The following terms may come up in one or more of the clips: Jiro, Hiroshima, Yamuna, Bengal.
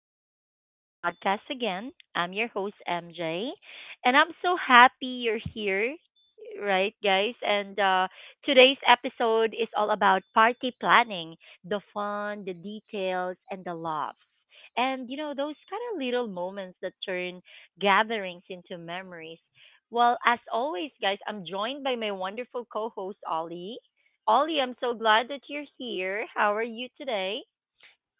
welcome back to the podcast again. I'm your host, MJ, and I'm so happy you're here, right, guys? And Today's episode is all about party planning, the fun, the details, and the laughs. And, you know, those kind of little moments that turn gatherings into memories. Well, as always, guys, I'm joined by my wonderful co host, Ollie. Ollie, I'm so glad that you're here. How are you today?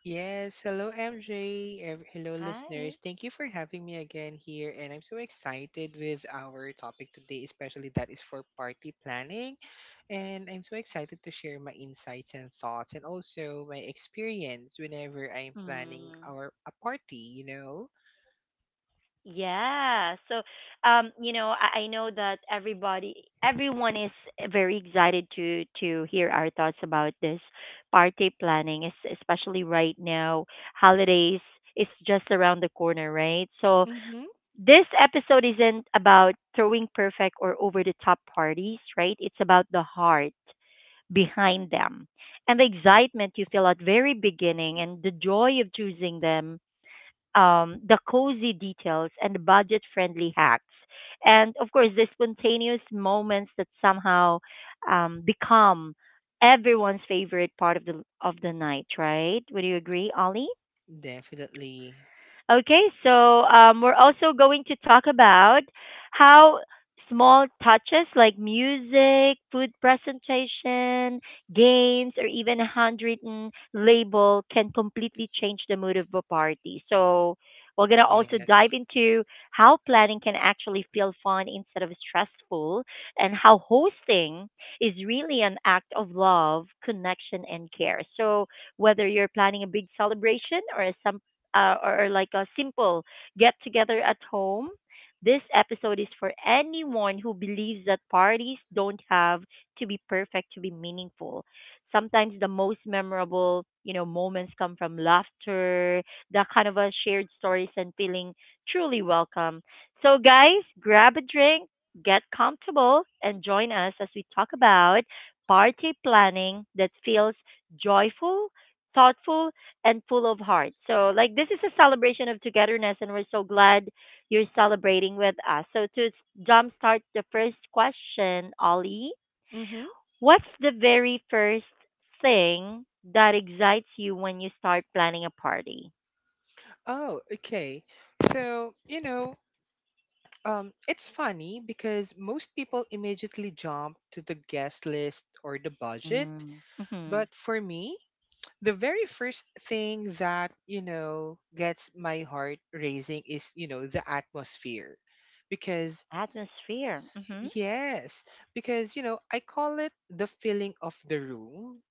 Yes, hello MJ, hello Hi. listeners. Thank you for having me again here, and I'm so excited with our topic today, especially that is for party planning. And I'm so excited to share my insights and thoughts, and also my experience whenever I'm planning Mm. our a party. Yeah. So I know that everyone is very excited to hear our thoughts about this party planning, especially right now. Holidays is just around the corner, right? So, hmm this episode isn't about throwing perfect or over the top parties, right? It's about the heart behind them, and the excitement you feel at very beginning, and the joy of choosing them, the cozy details and budget friendly hacks. And of course, the spontaneous moments that somehow become everyone's favorite part of the night, right? Would you agree, Ollie? Definitely, Okay, so we're also going to talk about how small touches like music, food presentation, games, or even a handwritten label can completely change the mood of a party. So we're going to also dive yes. into how planning can actually feel fun instead of stressful, and how hosting is really an act of love, connection, and care. So whether you're planning a big celebration or like a simple get together at home, this episode is for anyone who believes that parties don't have to be perfect to be meaningful. Sometimes the most memorable, you know, moments come from laughter, that kind of a shared stories and feeling truly welcome. So guys, grab a drink, get comfortable, and join us as we talk about party planning that feels joyful, thoughtful, and full of heart. So, like, this is a celebration of togetherness, and we're so glad you're celebrating with us. So, jumpstart the first question, Ollie, Mm-hmm. what's the very first thing that excites you when you start planning a party? Oh, okay. So, you know, it's funny because most people immediately jump to the guest list or the budget. Mm. Hmm. But for me, the very first thing that, you know, gets my heart raising is, you know, the atmosphere. Because, Atmosphere. Hmm. yes, because, you know, I call it the feeling of the room.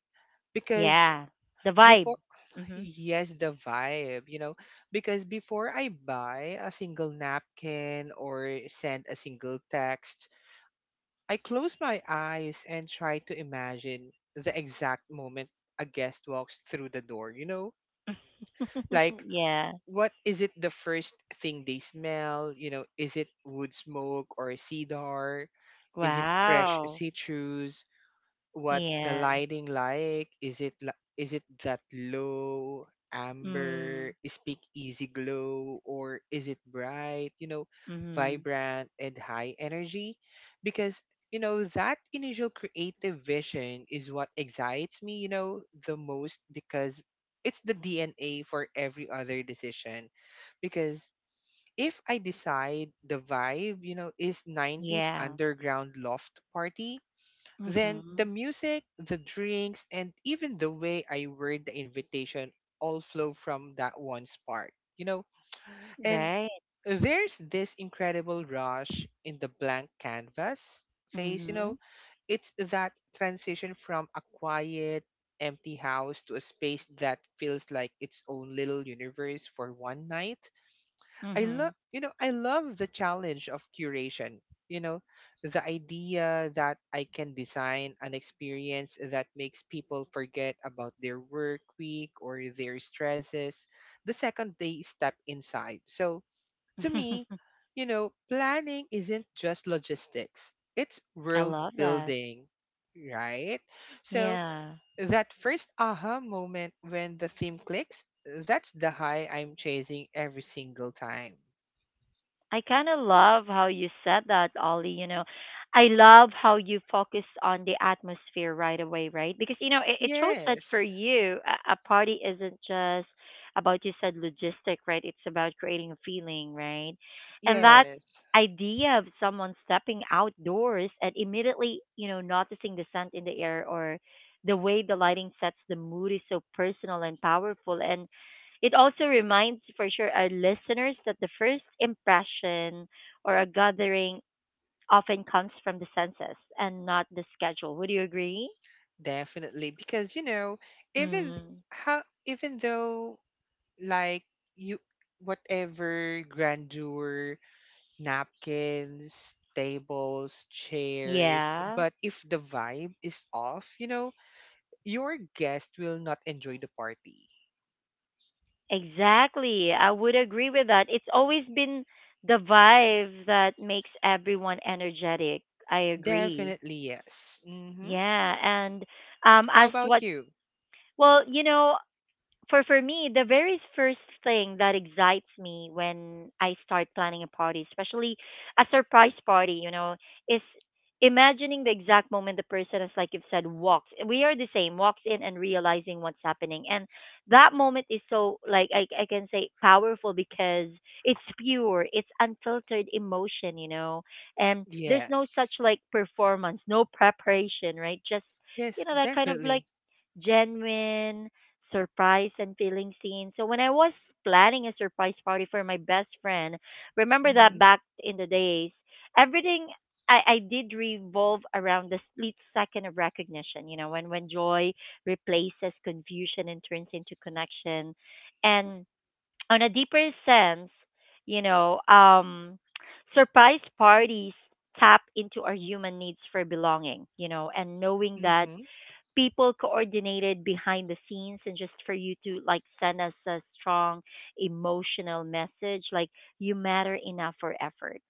Because Yeah. The vibe. before, Hmm. yes, the vibe, you know, because before I buy a single napkin or send a single text, I close my eyes and try to imagine the exact moment a guest walks through the door, you know? Like, Yeah. what is it the first thing they smell? You know, is it wood smoke or cedar? Is it fresh Wow. citrus? What the Yeah. lighting like? Is it that low amber Mm. speak easy glow or is it bright, you know, Hmm. vibrant and high energy? Because you know that initial creative vision is what excites me, you know, the most because it's the DNA for every other decision because if I decide the vibe, you know, is 90s Yeah. underground loft party, then the Hmm. music, the drinks, and even the way I word the invitation all flow from that one spark, you know? And Right. there's this incredible rush in the blank canvas phase, you know? Mhm. It's that transition from a quiet, empty house to a space that feels like its own little universe for one night. I love, Mhm. you know, I love the challenge of curation. You know, the idea that I can design an experience that makes people forget about their work week or their stresses the second they step inside. So to me, you know, planning isn't just logistics, it's I world love that. building, right? So Yeah. that first aha moment when the theme clicks, that's the high I'm chasing every single time. I kind of love how you said that, Ollie. You know, I love how you focus on the atmosphere right away, right? Because, you know, it shows that for Yes. you, a party isn't just about, you said, logistic, right? It's about creating a feeling, right? And that Yes. idea of someone stepping outdoors and immediately, you know, noticing the scent in the air or the way the lighting sets the mood is so personal and powerful. And it also reminds for sure our listeners that the first impression or a gathering often comes from the senses and not the schedule. Would you agree? Definitely. Because, you know, even Mm. how even though like you whatever grandeur, napkins, tables, chairs, Yeah, but if the vibe is off, you know, your guest will not enjoy the party. exactly. I would agree with that. It's always been the vibe that makes everyone energetic. I agree. Definitely yes. Mm-hmm. Yeah, and How as about what you? Well, you know, for me, the very first thing that excites me when I start planning a party, especially a surprise party, you know, is imagining the exact moment the person is like you've said walks. We are the same, walks in and realizing what's happening. And that moment is so like I can say powerful because it's pure, it's unfiltered emotion, you know. And there's no such Yes. like performance, no preparation, right? Just you Yes, know that kind of like definitely. genuine surprise and feeling seen. So when I was planning a surprise party for my best friend, remember Mm-hmm. that back in the days, everything I did revolve around the split second of recognition, you know, when joy replaces confusion and turns into connection. And on a deeper sense, you know, surprise parties tap into our human needs for belonging, you know, and knowing that Mm-hmm. people coordinated behind the scenes and just for you to like send us a strong emotional message like you matter enough for effort,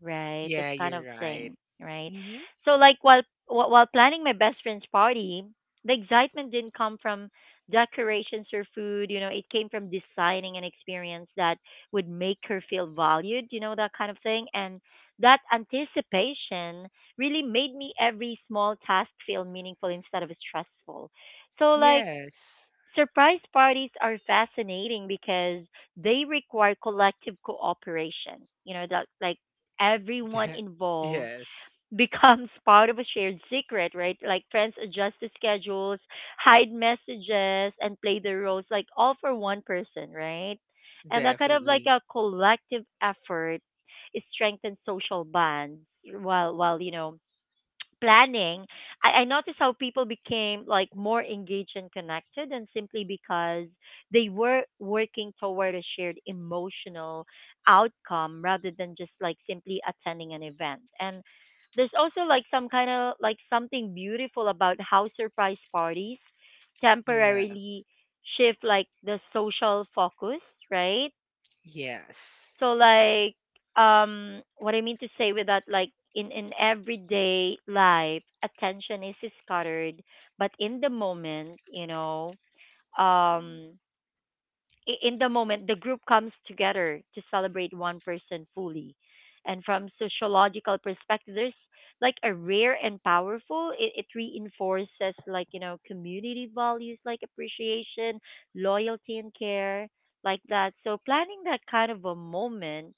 right? This Yeah, kind you're of right. thing, right? Mm-hmm. So like while planning my best friend's party, the excitement didn't come from decorations or food, you know, it came from designing an experience that would make her feel valued, you know, that kind of thing. And that anticipation really made me every small task feel meaningful instead of stressful. So like Yes. surprise parties are fascinating because they require collective cooperation. You know, that like everyone De- involved yes. becomes part of a shared secret, right? Like friends adjust the schedules, hide messages, and play the roles like all for one person, right? And that kind of like a Definitely. collective effort, it strengthens social bonds while you know planning, I noticed how people became like more engaged and connected, and simply because they were working toward a shared emotional outcome rather than just like simply attending an event. And there's also like some kind of like something beautiful about how surprise parties Yes. temporarily shift like the social focus, right? Yes. So like what I mean to say with that like in everyday life attention is scattered, but in the moment, you know, um in the moment the group comes together to celebrate one person fully. And from sociological perspective there's like a rare and powerful, it reinforces like you know community values like appreciation, loyalty, and care like that. So planning that kind of a moment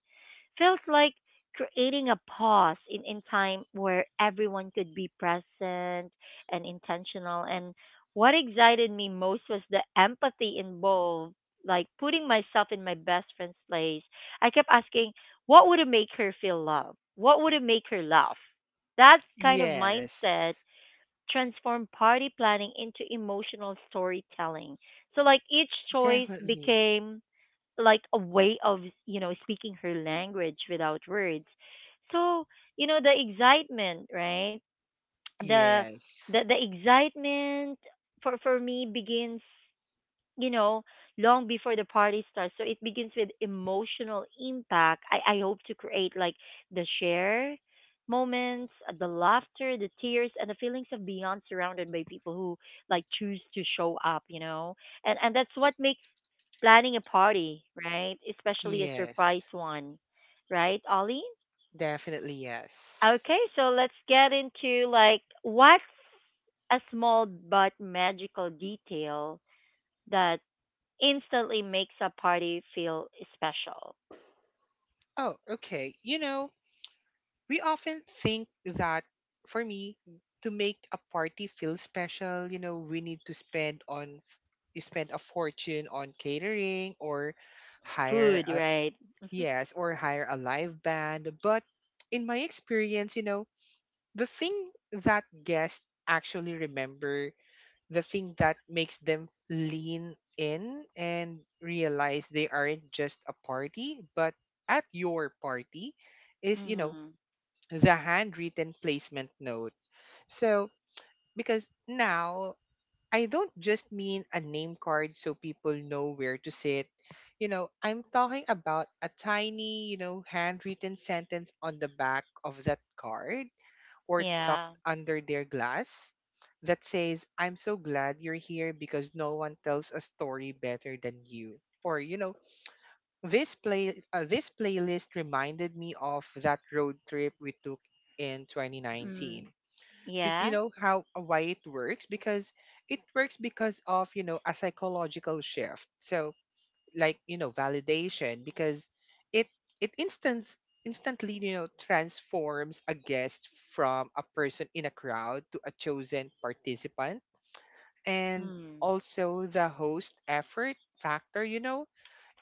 felt like creating a pause in time where everyone could be present and intentional. And what excited me most was the empathy involved, like putting myself in my best friend's place. I kept asking, what would it make her feel loved? What would it make her laugh? That kind of mindset Yes. transformed party planning into emotional storytelling. So, like, each choice Definitely. became like a way of you know speaking her language without words. So you know the excitement, right? the Yes. the the excitement for me begins, you know, long before the party starts. So it begins with emotional impact I hope to create, like the share moments, the laughter, the tears, and the feelings of beyond surrounded by people who like choose to show up, you know. And that's what makes planning a party, right? Especially a surprise Yes. one, right, Ollie? Definitely yes. Okay, so let's get into like what's a small but magical detail that instantly makes a party feel special. Oh, okay. You know, we often think that for me to make a party feel special, you know, we need to spend on you spend a fortune on catering or hire Food, a, right? yes, or hire a live band. But in my experience, you know, the thing that guests actually remember, the thing that makes them lean in and realize they aren't just a party, but at your party is, you know, Mhm. the handwritten placement note. So, because now I don't just mean a name card so people know where to sit. You know, I'm talking about a tiny, you know, handwritten sentence on the back of that card or tucked Yeah. under their glass that says, I'm so glad you're here because no one tells a story better than you. Or, you know, this playlist reminded me of that road trip we took in 2019. Mm. You Yeah. know how why it works because of you know a psychological shift. So like you know validation because it it instance instantly you know transforms a guest from a person in a crowd to a chosen participant. And Mm. also the host effort factor, you know,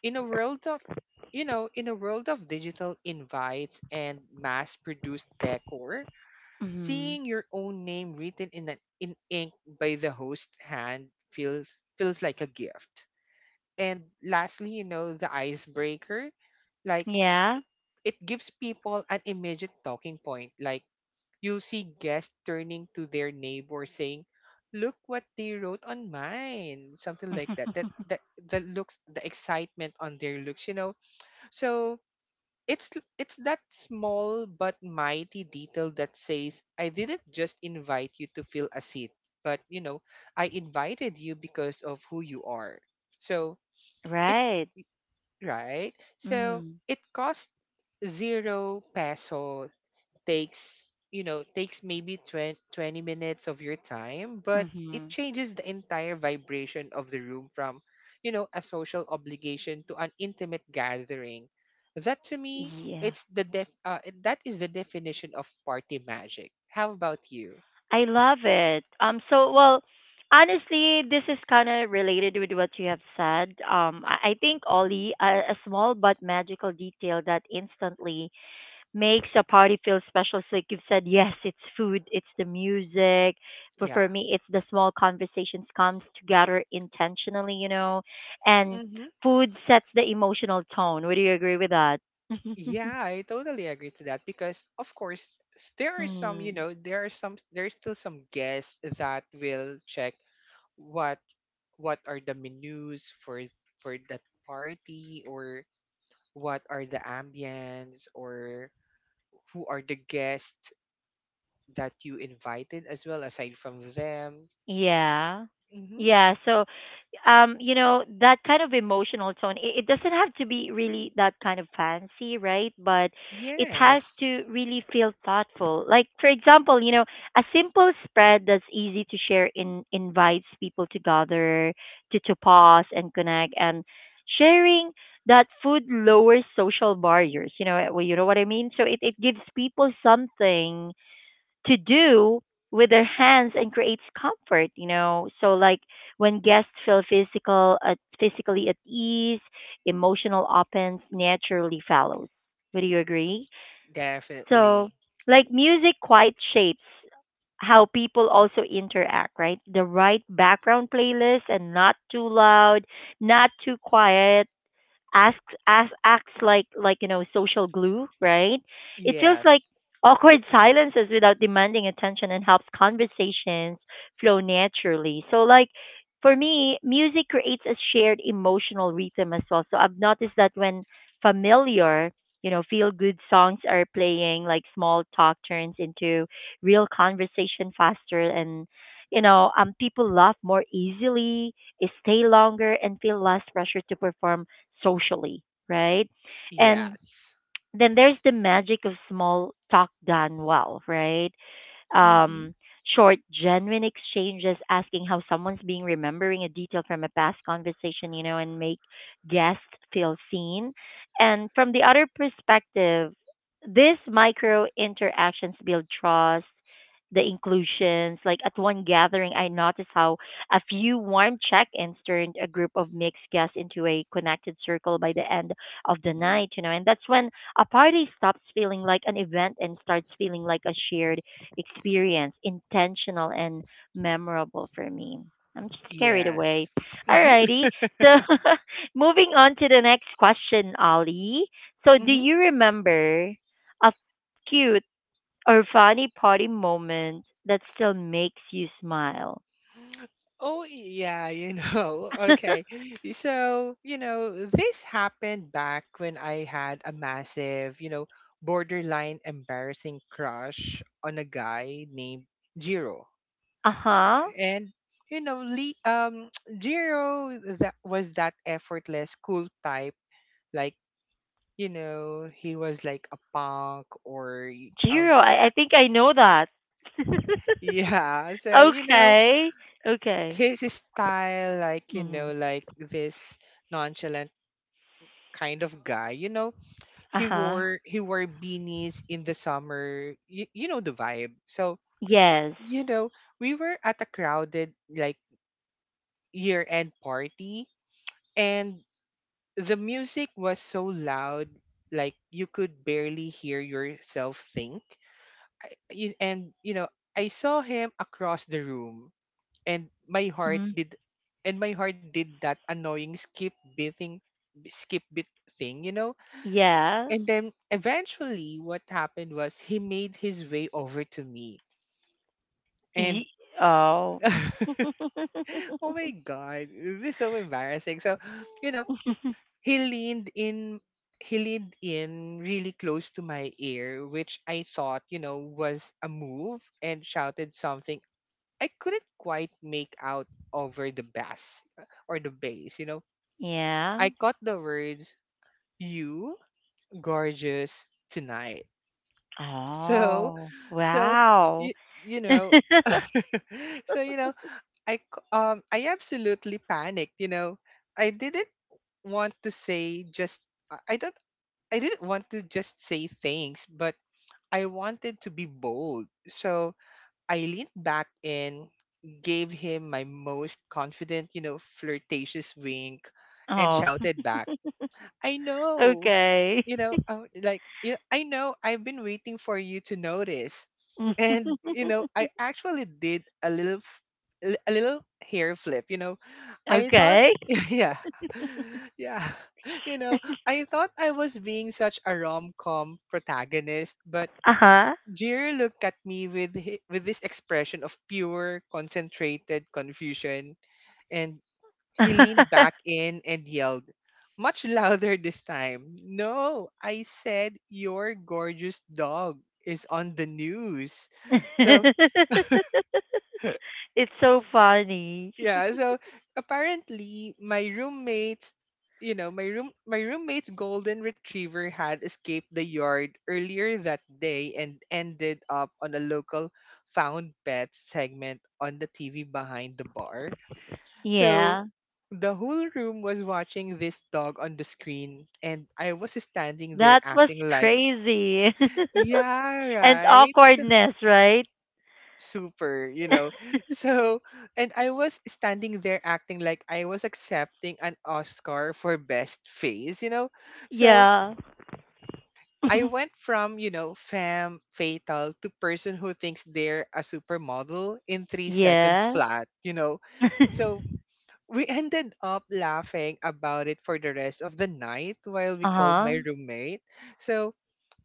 in a world of you know in a world of digital invites and mass produced decor. Mhm. Seeing your own name written in ink by the host hand feels like a gift. And lastly, you know, the icebreaker, like Yeah. it gives people an immediate talking point. Like you'll see guests turning to their neighbor saying, "Look what they wrote on mine," something like that. That that the looks, the excitement on their looks, you know. So it's that small but mighty detail that says I didn't just invite you to fill a seat, but you know, I invited you because of who you are. So, it Right. Right? So, Mhm. it cost 0 peso, takes you know takes maybe 20, 20 minutes of your time, but it Mhm. changes the entire vibration of the room from you know a social obligation to an intimate gathering. That to me, Yeah. it's the def that is the definition of party magic. How about you? I love it. So well, honestly, this is kind of related with what you have said. I think, Ollie, a small but magical detail that instantly makes a party feel special. So like you've said, yes, it's food, it's the music. For Yeah. for me, it's the small conversations comes together intentionally, you know, and Mm-hmm. food sets the emotional tone. Would you agree with that? Yeah, I totally agree to that because of course there are some, you Mm, know, there's still some guests that will check what what are the menus for that party or what are the ambience or who are the guests that you invited as well aside from them. yeah. Hmm. Yeah, so you know, that kind of emotional tone. It doesn't have to be really that kind of fancy, right? But it has Yes, to really feel thoughtful. Like, for example, you know, a simple spread that's easy to share in invites people to gather, to pause and connect. And sharing that food lowers social barriers. You know, well, you know what I mean? So it gives people something to do with their hands and creates comfort, you know. So like when guests feel physically at ease, emotional opens naturally follows. Would you agree? So definitely. like music quite shapes how people also interact, right? The right background playlist, and not too loud, not too quiet, asks as acts like you know, social glue, right? It feels like Yes. awkward silences without demanding attention and helps conversations flow naturally. So like for me, music creates a shared emotional rhythm as well. So I've noticed that when familiar, you know, feel good songs are playing, like small talk turns into real conversation faster, and you know, people laugh more easily, stay longer, and feel less pressure to perform socially, right? And Yes. then there's the magic of small talk done well, right? Mm-hmm. um, Short, genuine exchanges, asking how someone's being, remembering a detail from a past conversation, you know, and make guests feel seen. And from the other perspective, these micro interactions build trust, the inclusions. Like at one gathering, I noticed how a few warm check ins turned a group of mixed guests into a connected circle by the end of the night, you know, and that's when a party stops feeling like an event and starts feeling like a shared experience, intentional and memorable for me. I'm just carried away. Yes. Mm-hmm. Alrighty. So moving on to the next question, Ollie. So do you remember a cute or funny party moment that still makes you smile? Oh yeah, you know. Uh Okay. So, you know, this happened back when I had a massive, you know, borderline embarrassing crush on a guy named Jiro. huh. And you know, Lee Jiro, that was that effortless cool type, like you know, he was like a punk or Jiro, I think I know that. yeah, so you know, Okay. Okay. His style like you Hmm. know like this nonchalant kind of guy. You know, Uh huh. He wore beanies in the summer. You know the vibe. So, Yes. you know, we were at a crowded like year-end party and the music was so loud like you could barely hear yourself think. And you know, I saw him across the room and Hmm. My heart did that annoying skip beating skip bit thing, you know. Yeah. And then eventually what happened was he made his way over to me and Y- oh. oh my god, this is so embarrassing. So you know, he leaned in he leaned in really close to my ear, which I thought you know was a move, and shouted something I couldn't quite make out over the bass, you know. Yeah. I caught the words, you gorgeous tonight. So, Oh, So wow. you, you know, so you know, I absolutely panicked. You know, I didn't want to say just I don't I didn't want to just say things, but I wanted to be bold. So I leaned back and gave him my most confident, you know, flirtatious wink, and Oh, shouted back. I know. okay. You know, I, would like you I know I've been waiting for you to notice. And you know, I actually did a little hair flip, you know. I thought Okay. yeah. Yeah. You know, I thought I was being such a rom-com protagonist, but Uh-huh. Jir looked at me with with this expression of pure concentrated confusion and he leaned back in and yelled, much louder this time. No, I said your gorgeous dog is on the news. So It's so funny. yeah, so apparently my roommates you know, my room my roommate's golden retriever had escaped the yard earlier that day and ended up on a local found pets segment on the TV behind the bar. So Yeah. the whole room was watching this dog on the screen, and I was standing there That was acting like, crazy. yeah, And right? awkwardness, right? Super, you know. So, and I was standing there acting like I was accepting an Oscar for Best Face, you know. So, Yeah. I went from, you know, femme fatal to person who thinks they're a supermodel in 3 seconds Yeah. flat, you know. So, we ended up laughing about it for the rest of the night while we called my Uh-huh. roommate. So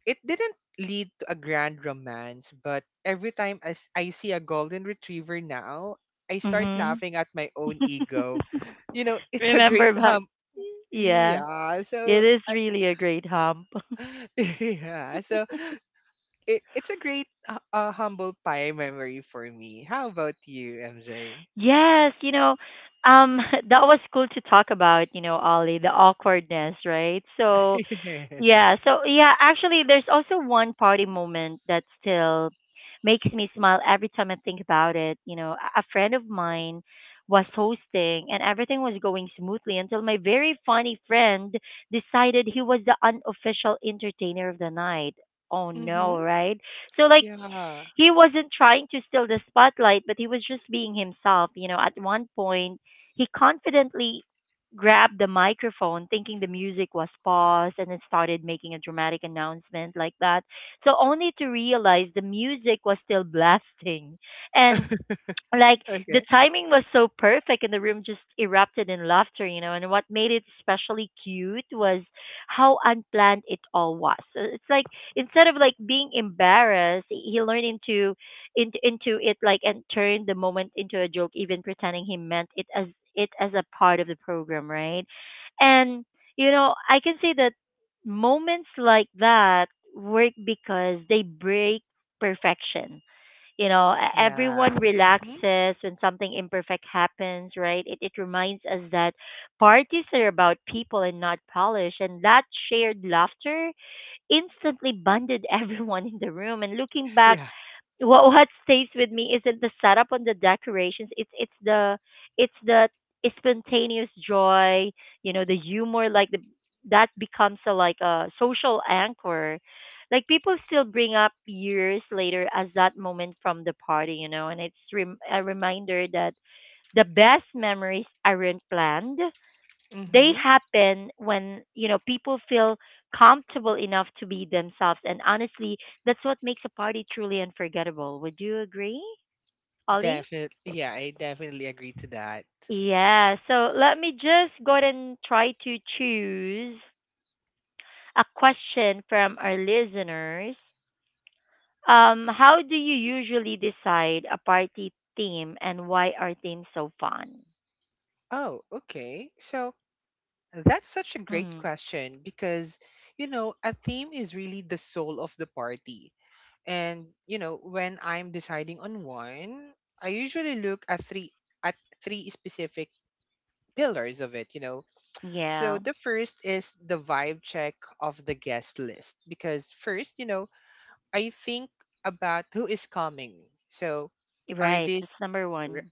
it didn't lead to a grand romance, but every time as I see a golden retriever now, I start Mm-hmm. laughing at my own ego. You know, it's a great Remember back. hum. Yeah. Yeah, so It is I, really a great hump. yeah, so it's a great humble pie memory for me. How about you, MJ? Yes, um, that was cool to talk about, Ollie, the awkwardness, right? So, yes. yeah, so yeah, actually, there's also one party moment that still makes me smile every time I think about it. A friend of mine was hosting and everything was going smoothly until my very funny friend decided he was the unofficial entertainer of the night. Oh Mhm. no, right? So like Yeah. he wasn't trying to steal the spotlight, but he was just being himself. You know, at one point, he confidently grabbed the microphone, thinking the music was paused, and then started making a dramatic announcement like that. So only to realize the music was still blasting, and like the Okay. timing was so perfect and the room just erupted in laughter. You know, and what made it especially cute was how unplanned it all was. So it's like instead of like being embarrassed he learned into it like and turned the moment into a joke, even pretending he meant it as a part of the program, right? And you know, I can say that moments like that work because they break perfection. You know, Yeah. everyone Hmm. relaxes when something imperfect happens, right? It reminds us that parties are about people and not polish, and that shared laughter instantly bonded everyone in the room. And looking back, Yeah. what stays with me isn't the setup on the decorations. It's the spontaneous joy, you know, the humor, like the that becomes a social anchor. Like people still bring up years later as that moment from the party, you know, and it's a reminder that the best memories aren't planned. They Hmm. happen when you know people feel comfortable enough to be themselves, and honestly, that's what makes a party truly unforgettable. Would you agree, Ollie? Definitely. Yeah, I definitely agree to that. Yeah, so let me just go ahead and try to choose a question from our listeners. Um, how do you usually decide a party theme, and why are themes so fun? Oh, okay. So that's such a great Hmm. question because, you know, a theme is really the soul of the party. And, you know, when I'm deciding on one, I usually look at at three specific pillars of it, you know. So Yeah, the first is the vibe check of the guest list because first, you know, I think about who is coming. So, are right, these that's number r- one.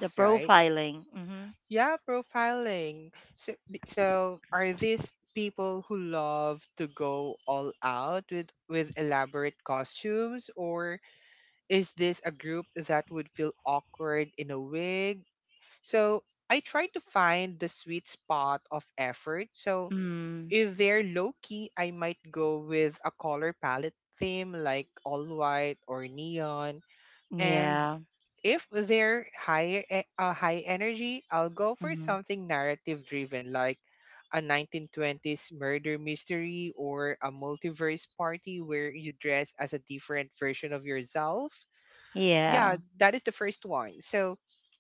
The right? profiling. Hmm. Yeah, profiling. So, so are these people who love to go all out with elaborate costumes, or is this a group that would feel awkward in a wig? So, I try to find the sweet spot of effort. So, Mm. if they're low key, I might go with a color palette theme like all white or neon. And Yeah. if they're high energy, I'll go for Mhm. something narrative driven like a 1920s murder mystery or a multiverse party where you dress as a different version of yourself. Yeah, Yeah. that is the first one. So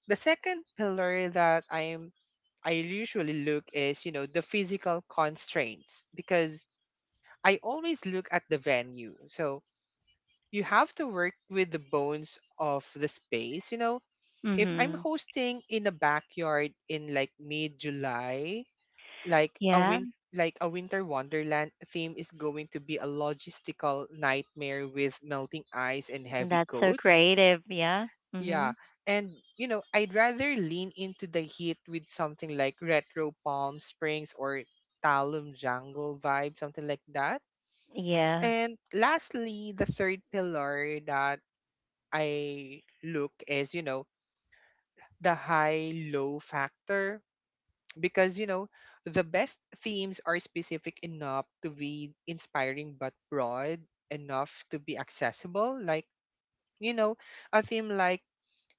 the second pillar that I usually look is, the physical constraints, because I always look at the venue. So you have to work with the bones of the space. You know, if I'm Mhm. hosting in a backyard in like mid July, like a Yeah. win like a winter wonderland theme is going to be a logistical nightmare with melting ice and heavy That's so coats. creative. Yeah. Yeah. Mhm. And, I'd rather lean into the heat with something like retro Palm Springs or Talum Jungle vibe, something like that. Yeah. And lastly, the third pillar that I look is, the high low factor, because, the best themes are specific enough to be inspiring but broad enough to be accessible. Like, you know, a theme like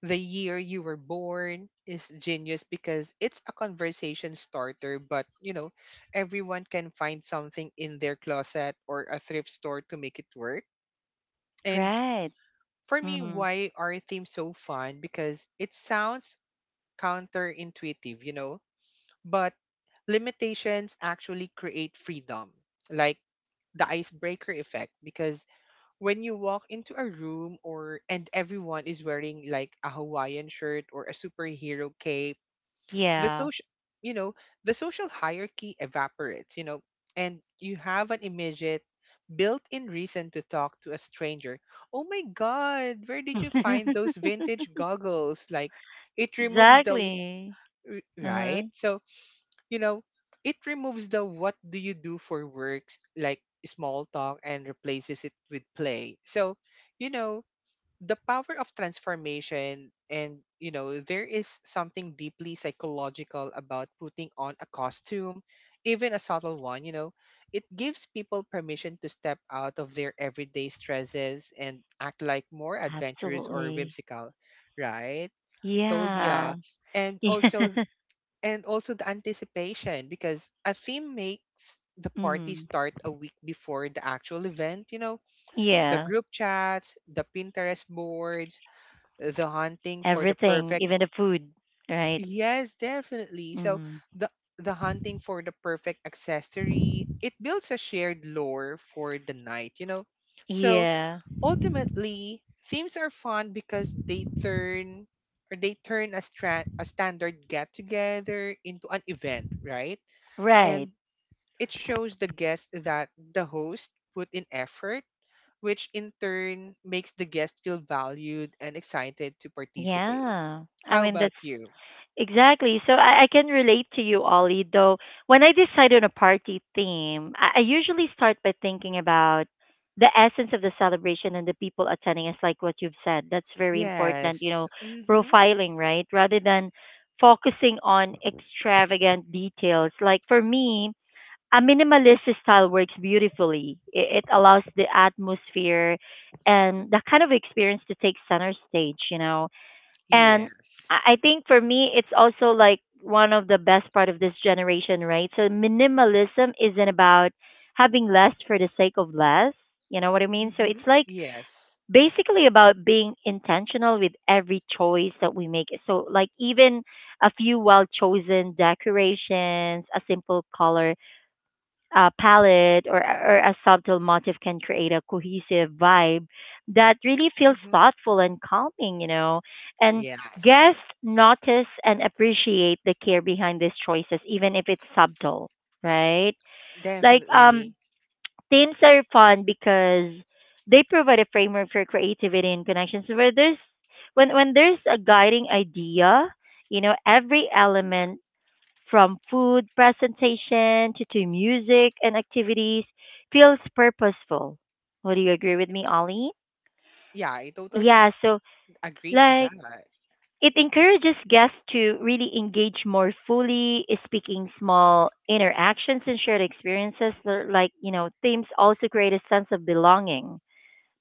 the year you were born is genius because it's a conversation starter, but, everyone can find something in their closet or a thrift store to make it work. And Right. for me, Mhm. why are themes so fun? Because it sounds counterintuitive, but limitations actually create freedom, like the icebreaker effect. Because when you walk into a room or and everyone is wearing like a Hawaiian shirt or a superhero cape, the Yeah. social you know the social hierarchy evaporates, you know. And you have an immediate built-in reason to talk to a stranger. Oh my god, where did you find those vintage goggles? Like, it removes the Exactly. Uh-huh. right. So, you know it removes the what do you do for works like small talk, and replaces it with play. So, you know the power of transformation. And, there is something deeply psychological about putting on a costume, even a subtle one, you know. It gives people permission to step out of their everyday stresses and act like more adventurous or Absolutely. whimsical. Right, told ya. Yeah. and also and also the anticipation, because a theme makes the Yeah. party Mhm. start a week before the actual event, you know. The Yeah. group chats, the Pinterest boards, the hunting for the Everything, perfect. even the food, right? Yes, definitely. So Mhm. the the hunting for the perfect accessory, it builds a shared lore for the night, you know. So Yeah. ultimately, themes are fun because they turn a standard get together into an event, right? Right. And it shows the guest that the host put in effort, which in turn makes the guest feel valued and excited to participate. Yeah. I How mean about that's— you? Exactly. So I can relate to you, Ollie, though when I decide on a party theme, I usually start by thinking about the essence of the celebration and the people attending. It's like what you've said. That's very important, you know, Yes. Mm-hmm. profiling, right? Rather than focusing on extravagant details. Like for me, a minimalist style works beautifully. It allows the atmosphere and that kind of experience to take center stage, you know. And I Yes. I think for me, it's also like one of the best part of this generation, right? So minimalism isn't about having less for the sake of less. You know what I mean? So Mm-hmm. it's like Yes. basically about being intentional with every choice that we make. So like even a few well chosen decorations, a simple color palette, or a subtle motif can create a cohesive vibe that really feels Mm-hmm. thoughtful and calming, you know. And Yes. guests notice and appreciate the care behind these choices, even if it's subtle, right? Like, Definitely. themes are fun because they provide a framework for creativity and connections. Where there's when there's a guiding idea, you know, every element from food presentation to music and activities feels purposeful. Would you agree with me, Ollie? Yeah, I totally Yeah, so agree to like that. it encourages guests to really engage more fully, speaking small interactions and shared experiences. They're— like, you know, themes also create a sense of belonging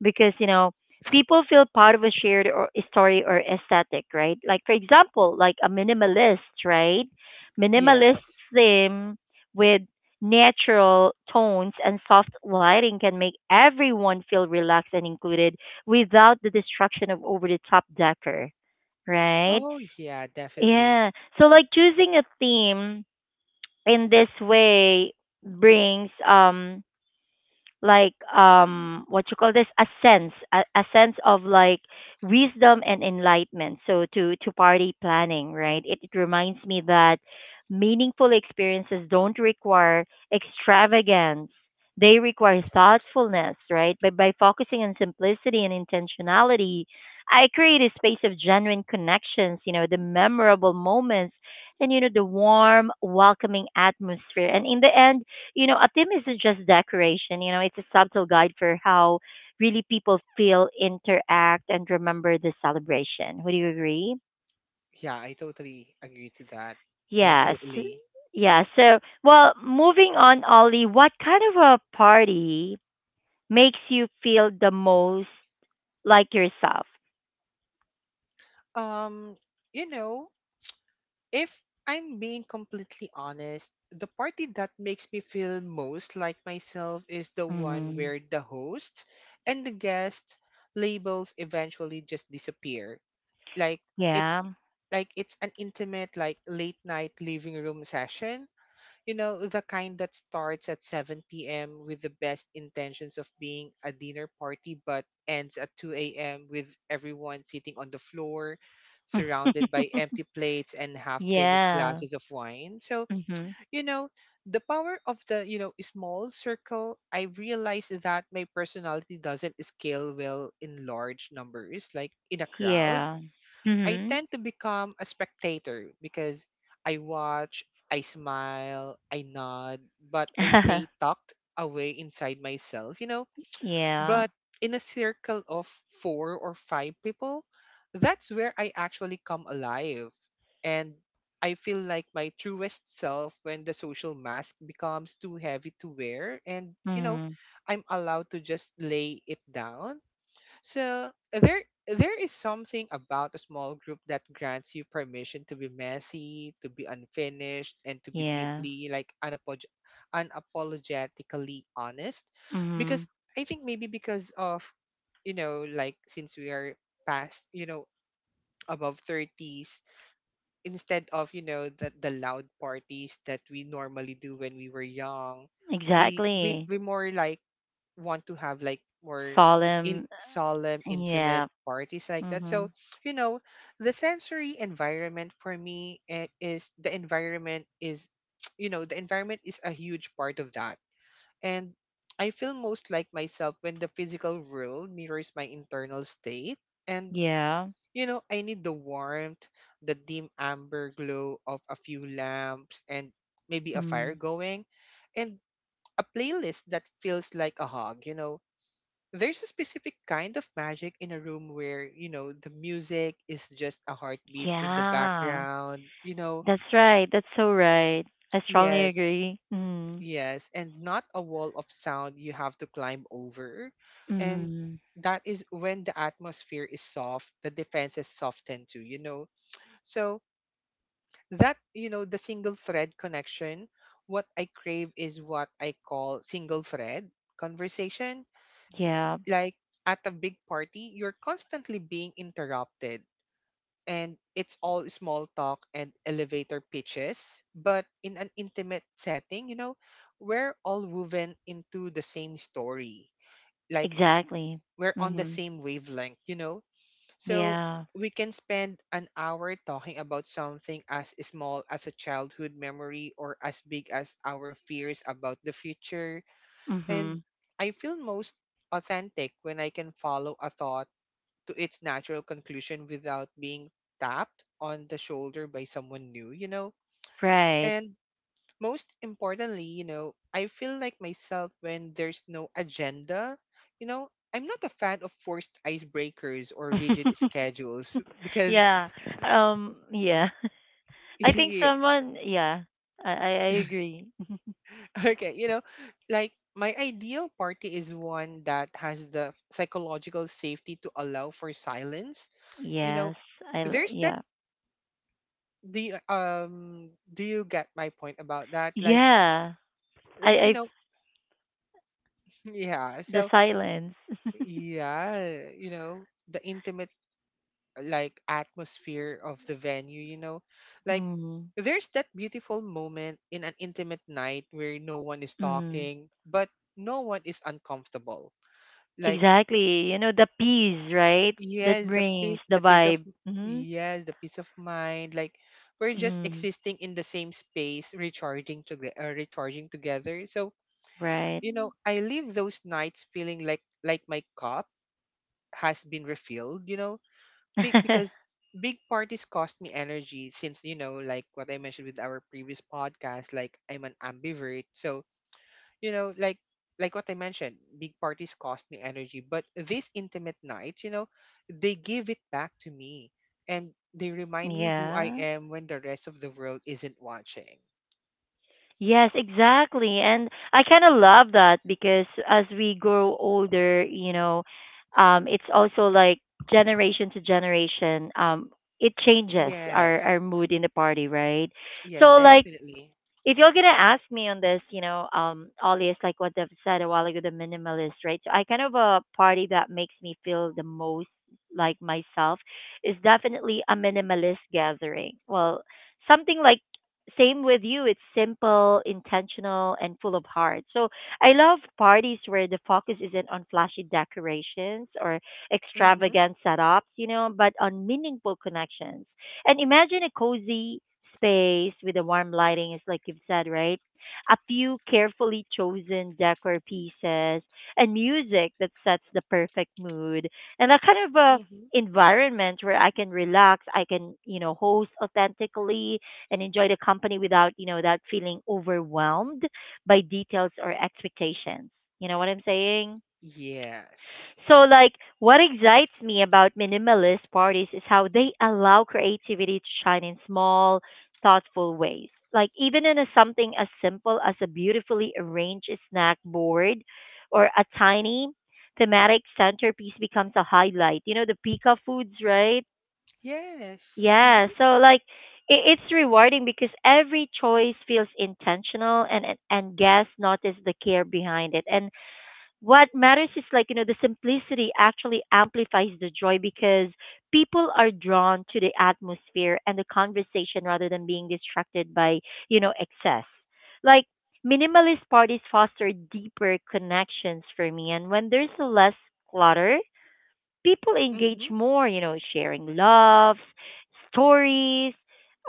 because you know people feel part of a shared or story or aesthetic, right? Like for example like a minimalist, right? Minimalist Yes. theme with natural tones and soft lighting can make everyone feel relaxed and included without the distraction of over the top decor, right? Oh, yeah, definitely. Yeah, so like choosing a theme in this way brings um, like, what you call this, a sense, a sense of like wisdom and enlightenment, so to party planning, right? It reminds me that meaningful experiences don't require extravagance, they require thoughtfulness, right? But by focusing on simplicity and intentionality, I create a space of genuine connections, you know, the memorable moments, and you know the warm welcoming atmosphere, and in the end, you know, a theme isn't just decoration, you know, it's a subtle guide for how really people feel, interact, and remember the celebration. Would you agree? Yeah, I totally agree to that. Yes. Definitely. Yeah. So, well, moving on, Ollie, what kind of a party makes you feel the most like yourself? Um, you know, If I'm being completely honest, the party that makes me feel most like myself is the one Mm, where the hosts and the guests labels eventually just disappear. Like, it's yeah. like, it's an intimate like late night living room session, you know, the kind that starts at 7 p.m. with the best intentions of being a dinner party, but ends at 2 a.m. with everyone sitting on the floor, surrounded by empty plates and half finished Yeah. glasses of wine. So, Mm-hmm. you know, the power of the, small circle, I realized that my personality doesn't scale well in large numbers, like in a crowd. Yeah. I Mm-hmm. tend to become a spectator because I watch, I smile, I nod, but I stay tucked away inside myself, you know. Yeah. But in a circle of four or five people, that's where I actually come alive. And I feel like my truest self when the social mask becomes too heavy to wear. And, Mm, I'm allowed to just lay it down. So there is something about a small group that grants you permission to be messy, to be unfinished, and to be yeah. deeply like unapologetically honest. Because Mm-hmm. I think maybe because of, like, since we are past, above 30s, instead of, the loud parties that we normally do when we were young, we we Exactly. we more like want to have like more in Solemn. solemn, intimate Yeah. parties like that. So, Mhm. you know, the sensory environment for me is the environment is, the environment is a huge part of that. And I feel most like myself when the physical world mirrors my internal state. And, Yeah. I need the warmth, the dim amber glow of a few lamps and maybe a fire Mm. going. And a playlist that feels like a hug. There's a specific kind of magic in a room where the music is just a heartbeat in the Yeah. background, you know. That's right. That's so right. I strongly Yes, agree. Mm. yes, and not a wall of sound you have to climb over. And Mm. that is when the atmosphere is soft, the defenses soften too, you know. So that, the single thread connection, what I crave is what I call single thread conversation. S- Yeah. like, at a big party, you're constantly being interrupted, and it's all small talk and elevator pitches. But in an intimate setting, we're all woven into the same story. Like, Exactly. we're on the Mhm. same wavelength, you know. So Yeah. we can spend an hour talking about something as small as a childhood memory or as big as our fears about the future. And Mhm. I feel most authentic when I can follow a thought to its natural conclusion without being tapped on the shoulder by someone new, you know? Right. And most importantly, I feel like myself when there's no agenda. You know, I'm not a fan of forced icebreakers or rigid schedules because, Yeah. Yeah. I think yeah. someone. Yeah. I agree. Okay, like, my ideal party is one that has the psychological safety to allow for silence. You know, Yes. There's that, Yeah. the do you get my point about that? Like Yeah. I. like you I. know, yeah. The So silence. yeah, the intimate like atmosphere of the venue, you know. Like, Mm-hmm. there's that beautiful moment in an intimate night where no one is talking, but no one is uncomfortable. Like, Exactly. You know, the peace, right? That yes, brings the the peace of, vibe. Hmm. yes, the peace of mind. Like, we're just Hmm. existing in the same space, recharging together. So, Right. I leave those nights feeling like my cup has been refilled. Big because big parties cost me energy, since, like what I mentioned with our previous podcast. Like, I'm an ambivert, so, you know like like what I mentioned, big parties cost me energy, but these intimate nights, they give it back to me, and they remind me who I Yeah. am when the rest of the world isn't watching. Yes, exactly. And I kind of love that because as we grow older, you know, it's also like generation to generation, it changes our Yes, mood in the party, right? yes, So, like, definitely. if you're gonna ask me on this, you know, Ollie is like what I've said a while ago, the minimalist, right? So I kind of a party that makes me feel the most like myself is definitely a minimalist gathering. Well, something like same with you. It's simple, intentional, and full of heart. So I love parties where the focus isn't on flashy decorations or Mm-hmm. extravagant setups, you know, but on meaningful connections. And imagine a cozy space with a warm lighting, is like you've said, right? A few carefully chosen decor pieces and music that sets the perfect mood, and a kind of a Mm-hmm. environment where I can relax, I can, you know, host authentically and enjoy the company without, you know, that feeling overwhelmed by details or expectations. You know what I'm saying? Yes, So, like, what excites me about minimalist parties is how they allow creativity to shine in small, thoughtful ways. Like, even in a, something as simple as a beautifully arranged snack board or a tiny thematic centerpiece becomes a highlight. You know, the Pika foods, right? yes. Yeah. Mm-hmm. So, like, it's rewarding because every choice feels intentional, and guests notice the care behind it. And what matters is like you know the simplicity actually amplifies the joy because people are drawn to the atmosphere and the conversation rather than being distracted by, you know, excess. Like minimalist parties foster deeper connections for me, and when there's less clutter people engage Mm-hmm. more, you know, sharing loves, stories,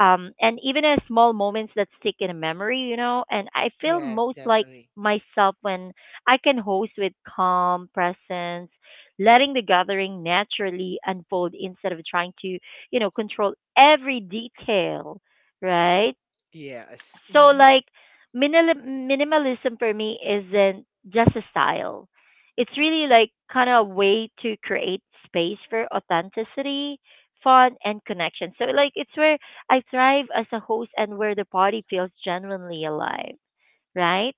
and even small moments that stick in a memory, you know. And I feel Yes, most like definitely. myself when I can host with calm presence, letting the gathering naturally unfold instead of trying to, you know, control every detail, right? Yes. So Mm-hmm. like minimalism for me isn't just a style. It's really like kind of a way to create space for authenticity, fun and connection. So like it's where I thrive as a host and where the party feels genuinely alive, right?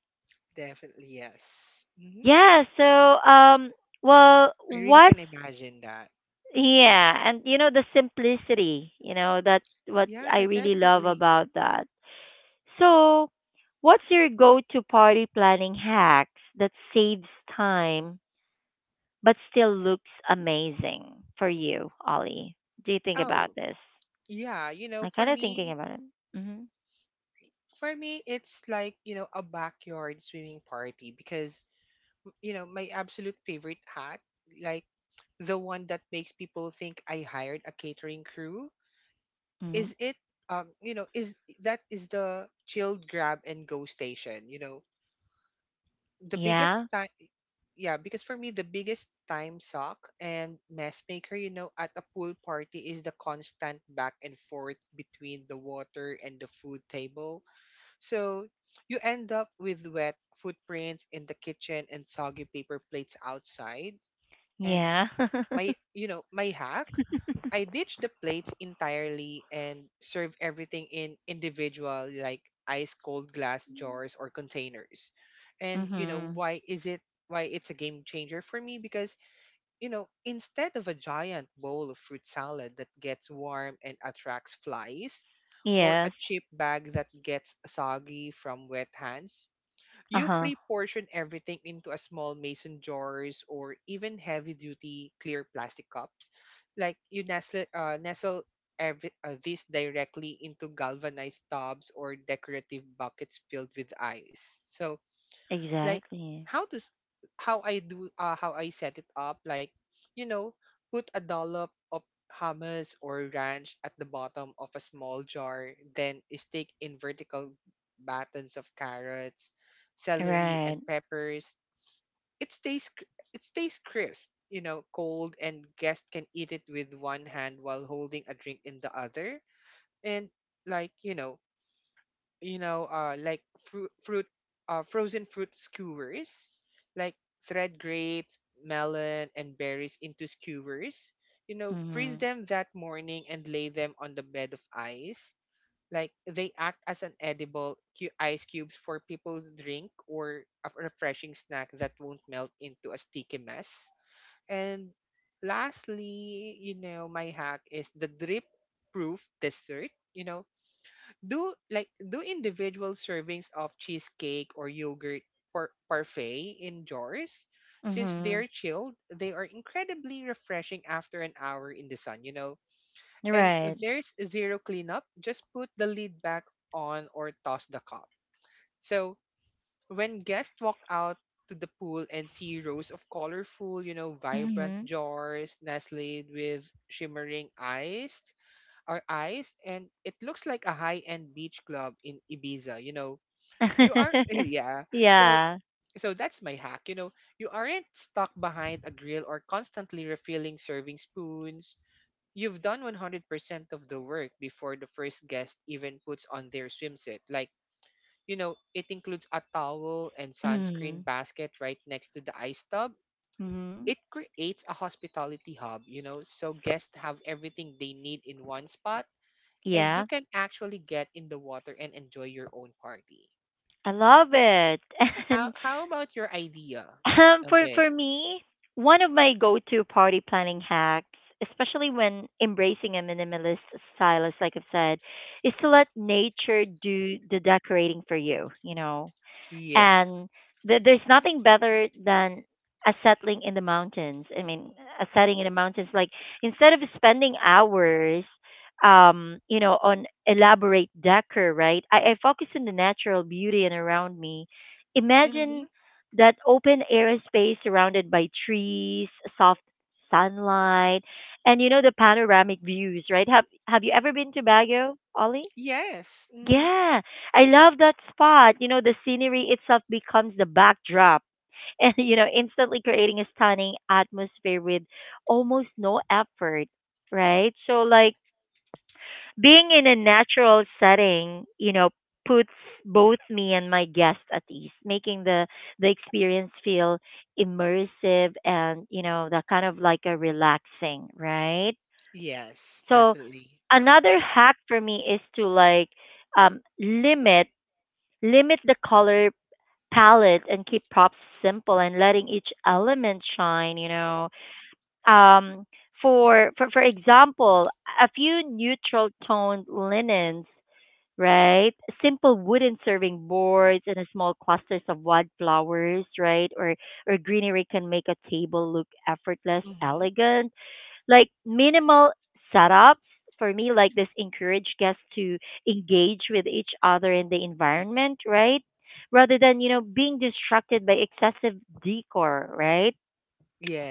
Definitely. Yes. Mm-hmm. Yeah, so um well I really what's can imagine that. Yeah, and you know the simplicity, you know, that what I Yeah, really love definitely. about that. So, what's your go-to party planning hacks that saves time but still looks amazing for you, Ollie? Do you think about Oh, this? yeah, I'm kind of thinking about it. Hmm. for me, it's like, a backyard swimming party because, my absolute favorite hat, like the one that makes people think I hired a catering crew, Hmm. is it, you know, is that is the chilled grab and go station, you know. The biggest Yeah. time, yeah, because for me, the biggest time suck and mess maker, at a pool party is the constant back and forth between the water and the food table. So you end up with wet footprints in the kitchen and soggy paper plates outside. And Yeah. my, you know, my hack, I ditch the plates entirely and serve everything in individual, like ice cold glass jars or containers. And, Hmm. why is it? Why it's a game changer for me because, instead of a giant bowl of fruit salad that gets warm and attracts flies, or a Yes. cheap bag that gets soggy from wet hands. You Uh-huh. pre-portion everything into a small mason jars or even heavy-duty clear plastic cups. Like, you nestle this directly into galvanized tubs or decorative buckets filled with ice. So, like, Exactly. how to s- how I do how I set it up, like, you know put a dollop of hummus or ranch at the bottom of a small jar, then stick in vertical battens of carrots, celery and Right. peppers. It stays crisp, cold, and guests can eat it with one hand while holding a drink in the other. And, like you know like, frozen fruit skewers, like, thread grapes, melon, and berries into skewers. You know, freeze Hmm. them that morning and lay them on the bed of ice. Like they act as an edible ice cubes for people's drink or a refreshing snack that won't melt into a sticky mess. And lastly, my hack is the drip proof dessert. Do individual servings of cheesecake or yogurt parfait in jars since Hmm. they're chilled. They are incredibly refreshing after an hour in the sun. And Right. there's zero cleanup, just put the lid back on or toss the cup. So when guests walk out to the pool and see rows of colorful, vibrant Hmm. jars nestled with shimmering ice, our eyes, and it looks like a high-end beach club in Ibiza, you know. You are yeah. So Yeah. so that's my hack, you know. You aren't stuck behind a grill or constantly refilling serving spoons. You've done 100% of the work before the first guest even puts on their swimsuit. Like, you know, it includes a towel and Hmm. sunscreen basket right next to the ice tub. Hmm. It creates a hospitality hub, you know, so guests have everything they need in one spot, and you Yeah. can actually get in the water and enjoy your own party. I love it. How And how about your idea, for MJ? me, one of my go-to party planning hacks, especially when embracing a minimalist style, as like I've said, is to let nature do the decorating for you. You know, Yes. and there's nothing better than a settling in the mountains. I mean, a setting in the mountains. Like instead of spending hours, you know, on elaborate decor, right? I focus on the natural beauty and around me. Imagine Mm-hmm. that open air space surrounded by trees, soft sunlight, and you know the panoramic views, right? Have you ever been to Baguio, Ollie? Yes. Mm-hmm. Yeah, I love that spot. You know, the scenery itself becomes the backdrop and, you know, instantly creating a stunning atmosphere with almost no effort, right? So, like, being in a natural setting, you know, puts both me and my guest at ease, making the experience feel immersive and, you know, that kind of like a relaxing, right? Yes, So, definitely. another hack for me is to like um, limit limit the color palette and keep props simple and letting each element shine, you know. um for example, a few neutral toned linens, right, simple wooden serving boards and a small clusters of wildflowers, right, or greenery can make a table look effortless Mm-hmm. elegant. Like minimal setups for me like this encourage guests to engage with each other in the environment, right, rather than, you know, being distracted by excessive decor, right?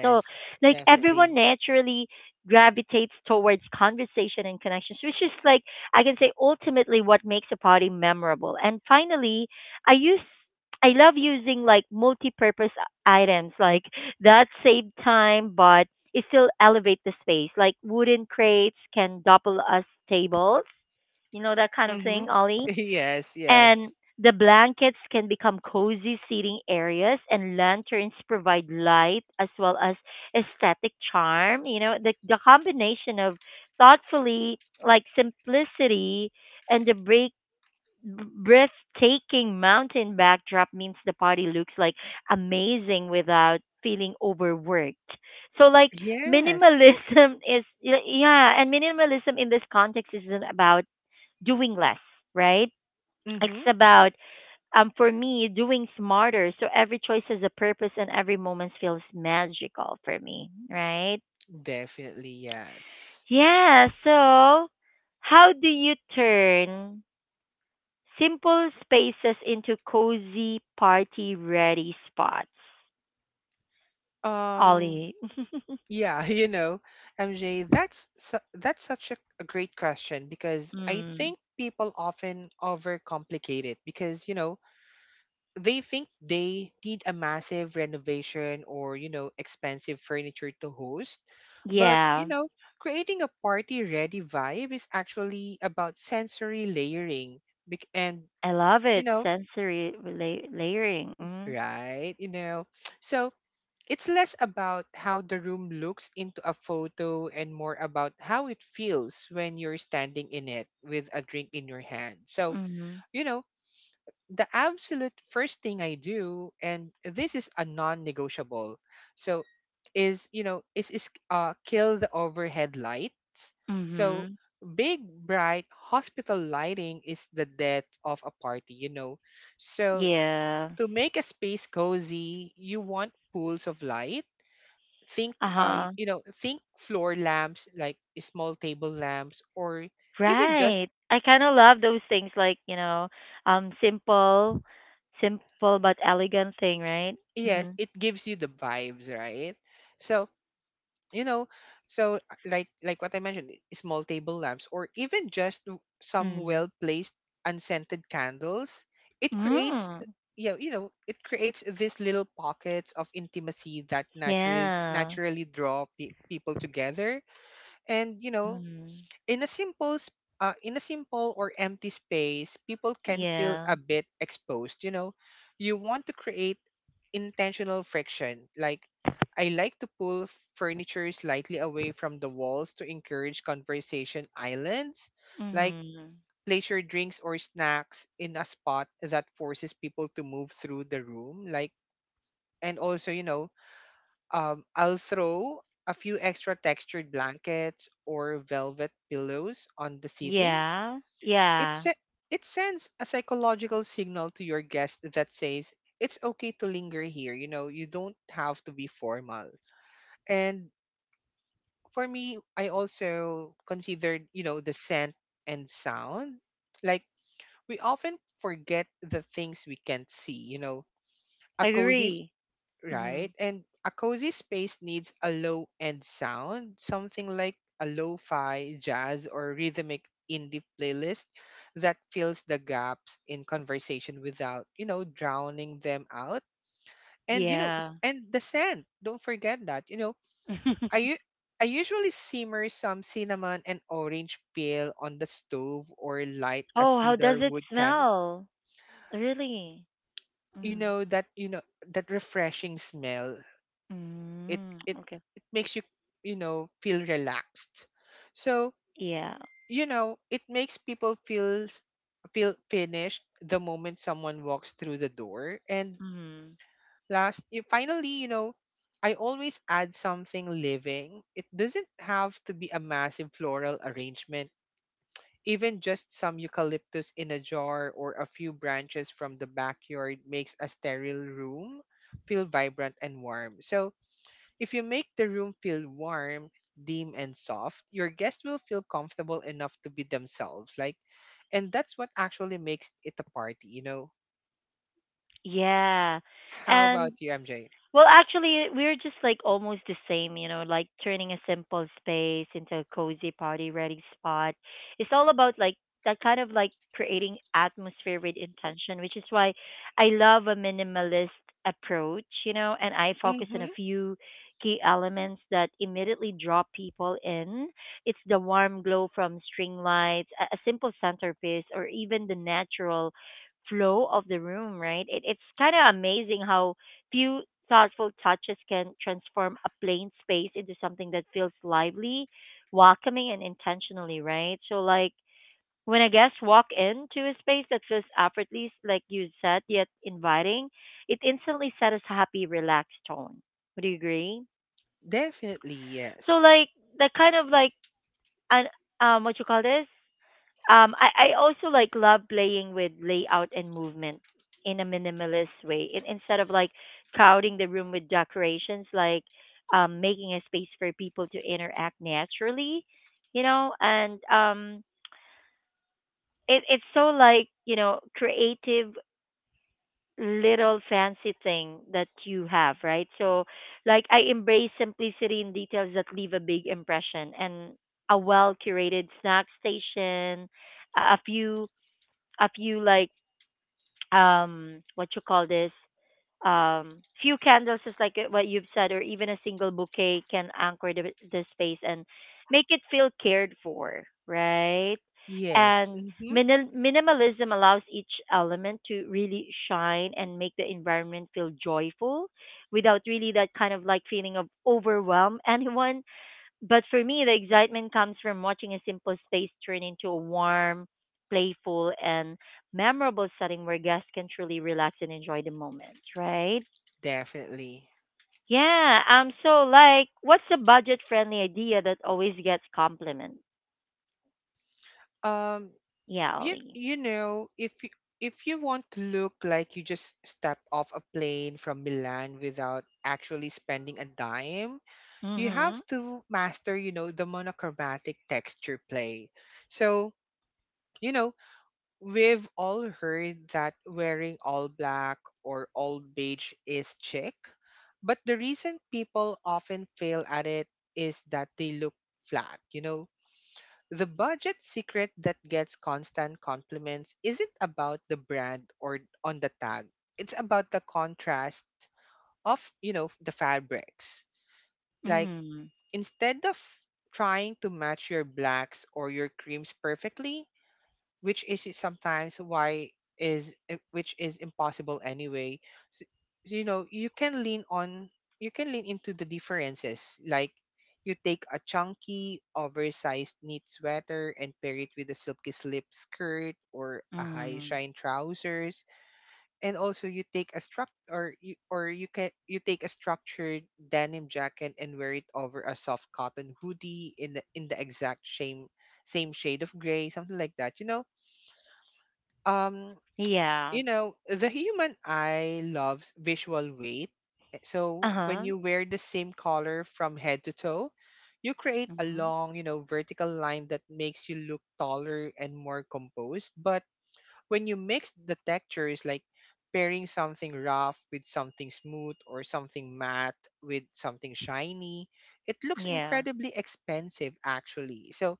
So, like, definitely. everyone naturally gravitates towards conversation and connections, which is like I can say ultimately what makes a party memorable. And finally, I use I love using like multi-purpose items like that save time but it still elevate the space. Like wooden crates can double as tables. You know that kind of Mm-hmm. thing, Ollie? Yes, And yes. the blankets can become cozy seating areas, and lanterns provide light as well as aesthetic charm. You know, the combination of thoughtfully, like simplicity, and the break, breathtaking mountain backdrop means the party looks like amazing without feeling overworked. So, like, Yes. minimalism is, yeah, and minimalism in this context isn't about doing less, right? It's Mm-hmm. about for me, doing smarter. So every choice has a purpose and every moment feels magical for me, right? Definitely, yes. Yeah. So, how do you turn simple spaces into cozy party ready spots, Um, Ollie? yeah, you know, MJ, that's such a great question, because I Mm, think people often overcomplicate it because, you know, they think they need a massive renovation or, you know, expensive furniture to host. But, you yeah. know, creating a party-ready vibe is actually about sensory layering bec- and, I love you it. know, Sensory la- layering. right, you know. So, it's less about how the room looks into a photo and more about how it feels when you're standing in it with a drink in your hand. So, Mm-hmm. Mm-hmm. you know, the absolute first thing I do, and this is a non negotiable, so is, you know, is kill the overhead lights. So, Mm-hmm. big, bright hospital lighting is the death of a party, you know. So, Yeah. to make a space cozy, you want pools of light. Think Uh huh. you know, think floor lamps, like small table lamps, or even just Right. I kind of love those things like, you know, um simple simple but elegant thing, right? yes, Mhm. it gives you the vibes, right? So, you know, so like what I mentioned, small table lamps, or even just some Mm. well placed unscented candles. It creates Mm. yeah, you know, it creates these little pockets of intimacy that naturally Yeah. naturally draw people together. And you know, Mm. in a simple in a simple or empty space, people can feel Yeah. a bit exposed, you know. You want to create intentional friction. Like, I like to pull furniture slightly away from the walls to encourage conversation islands. Like Mhm. place your drinks or snacks in a spot that forces people to move through the room. Like, and also, you know, I'll throw a few extra textured blankets or velvet pillows on the seating. Yeah. it Yeah. se- it sends a psychological signal to your guest that says it's okay to linger here. You know, you don't have to be formal. And for me, I also considered, you know, the scent and sound. Like, we often forget the things we can't see, you know. A cozy, Agree. right? Mhm. And a cozy space needs a low end sound, something like a lo fi, jazz, or rhythmic indie playlist that fills the gaps in conversation without, you know, drowning them out. And, you know, Yeah. and the scent, don't forget that, you know, I, u- I usually simmer some cinnamon and orange peel on the stove or light a Oh, how cedar does it wood candle. smell? Really? You Mm. know that, you know, that refreshing smell, it Mm. it Okay. it makes you, you know, feel relaxed. So, Yeah. you know, it makes people feel finished the moment someone walks through the door. And Mm. Finally, you know, I always add something living. It doesn't have to be a massive floral arrangement. Even just some eucalyptus in a jar or a few branches from the backyard makes a sterile room feel vibrant and warm. So if you make the room feel warm, dim, and soft, your guests will feel comfortable enough to be themselves. Like, and that's what actually makes it a party, you know? Yeah. How And about you, MJ? well, actually, we're just like almost the same, you know, like turning a simple space into a cozy party ready spot. It's all about like that kind of like creating atmosphere with intention, which is why I love a minimalist approach, you know, and I focus on Mm-hmm. a few key elements that immediately draw people in. It's the warm glow from string lights, a simple centerpiece, or even the natural flow of the room, right? It, it's kind of amazing how few thoughtful touches can transform a plain space into something that feels lively, welcoming, and intentionally, right? So, like, when a guest walk into a space that feels effortless, like you said, yet inviting, it instantly sets a happy, relaxed tone. Would you agree? Definitely, So, yes. like, the kind of like, an, what you call this? I also like love playing with layout and movement in a minimalist way. In, instead of like crowding the room with decorations, like making a space for people to interact naturally, you know. And it, it's so like, you know, creative little fancy thing that you have, right? So like I embrace simplicity in details that leave a big impression, and a well curated snack station, a few like what you call this, few candles just like it- what you've said, or even a single bouquet can anchor the space and make it feel cared for, right. Yes. And Mm-hmm. minimal minimalism allows each element to really shine and make the environment feel joyful without really that kind of like feeling of overwhelm anyone, but for me, the excitement comes from watching a simple space turn into a warm, playful, and memorable setting where guests can truly relax and enjoy the moment, right? Definitely. Yeah, so like, what's a budget-friendly idea that always gets compliments? Um, Yeah, you Ollie. you know, if you want to look like you just stepped off a plane from Milan without actually spending a dime, you have Mhm. to master, you know, the monochromatic texture play. So, you know, we've all heard that wearing all black or all beige is chic, but the reason people often fail at it is that they look flat, you know. The budget secret that gets constant compliments isn't about the brand or on the tag. It's about the contrast of, you know, the fabrics. Like, Mhm. instead of trying to match your blacks or your creams perfectly, which is sometimes which is impossible anyway. So, you know, you can lean into the differences. Like, you take a chunky, oversized knit sweater and pair it with a silky slip skirt or a high Mhm. shine trousers. And also you take a struct or you can you take a structured denim jacket and wear it over a soft cotton hoodie in the exact same shade of gray, something like that, you know. Um Yeah. you know, the human eye loves visual weight. Eh, so Uh when huh. you wear the same color from head to toe, you create a Mhm. long, you know, vertical line that makes you look taller and more composed. But when you mix the textures, like pairing something rough with something smooth or something matte with something shiny, it looks Yeah. incredibly expensive, actually. So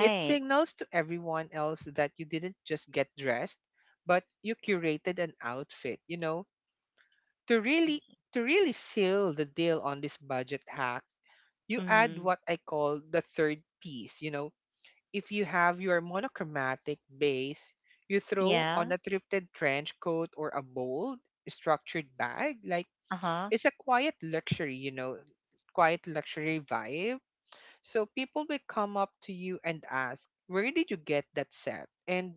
it signals to everyone else that you didn't just get dressed, but you curated an outfit, you know. to really to really seal the deal on this budget hack, you add Mhm. what I call the third piece, you know. If you have your monochromatic base, you throw Yeah. on a thrifted trench coat or a bold, structured bag. Like, Uh huh. it's a quiet luxury, you know, quiet luxury vibe. So people will come up to you and ask, "Where did you get that set?" And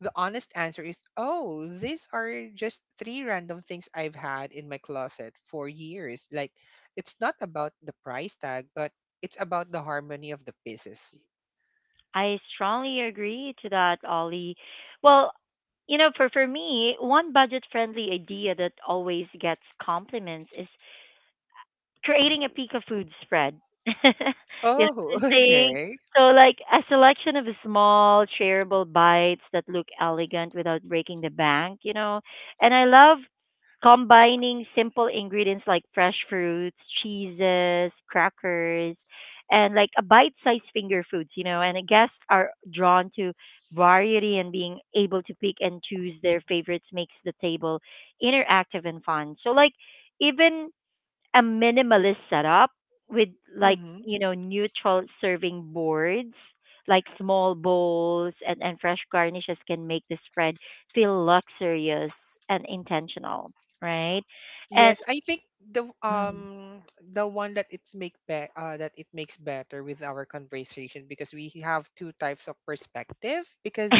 the honest answer is, "Oh, these are just three random things I've had in my closet for years." Like, it's not about the price tag, but it's about the harmony of the pieces. I strongly agree to that, Ollie. Well, you know, for me, one budget friendly idea that always gets compliments is creating a pika food spread. You know what Oh, I'm saying? okay. So like a selection of small shareable bites that look elegant without breaking the bank, you know. And I love combining simple ingredients like fresh fruits, cheeses, crackers, and like a bite-sized finger foods, you know. And guests are drawn to variety and being able to pick and choose their favorites makes the table interactive and fun. So like even a minimalist setup with like, Mm-hmm. you know, neutral serving boards like small bowls and fresh garnishes can make the spread feel luxurious and intentional, right. And Yes, I think Mm. The one that that it makes better with our conversation, because we have two types of perspective. Because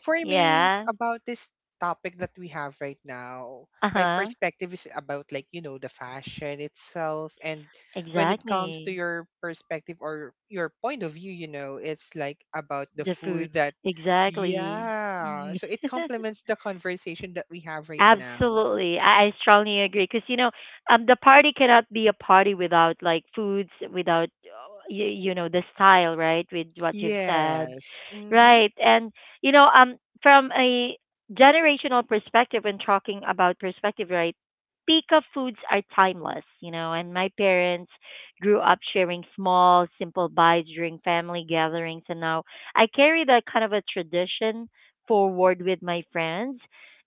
for me, Yeah, about this topic that we have right now, my uh-huh, perspective is about, like, you know, the fashion itself. And when it comes to exactly. your perspective or your point of view, you know, it's like about the The food. food, That exactly. Yeah, Mm. so it complements the conversation that we have right now. Absolutely. I strongly agree, because you know, the party cannot be a party without like foods, without you, you know, the style, right? With what you've said. Yes. Mm-hmm. Right. And you know, from a generational perspective when talking about perspective, right? Pika foods are timeless, you know, and my parents grew up sharing small, simple bites during family gatherings, and now I carry that kind of a tradition forward with my friends.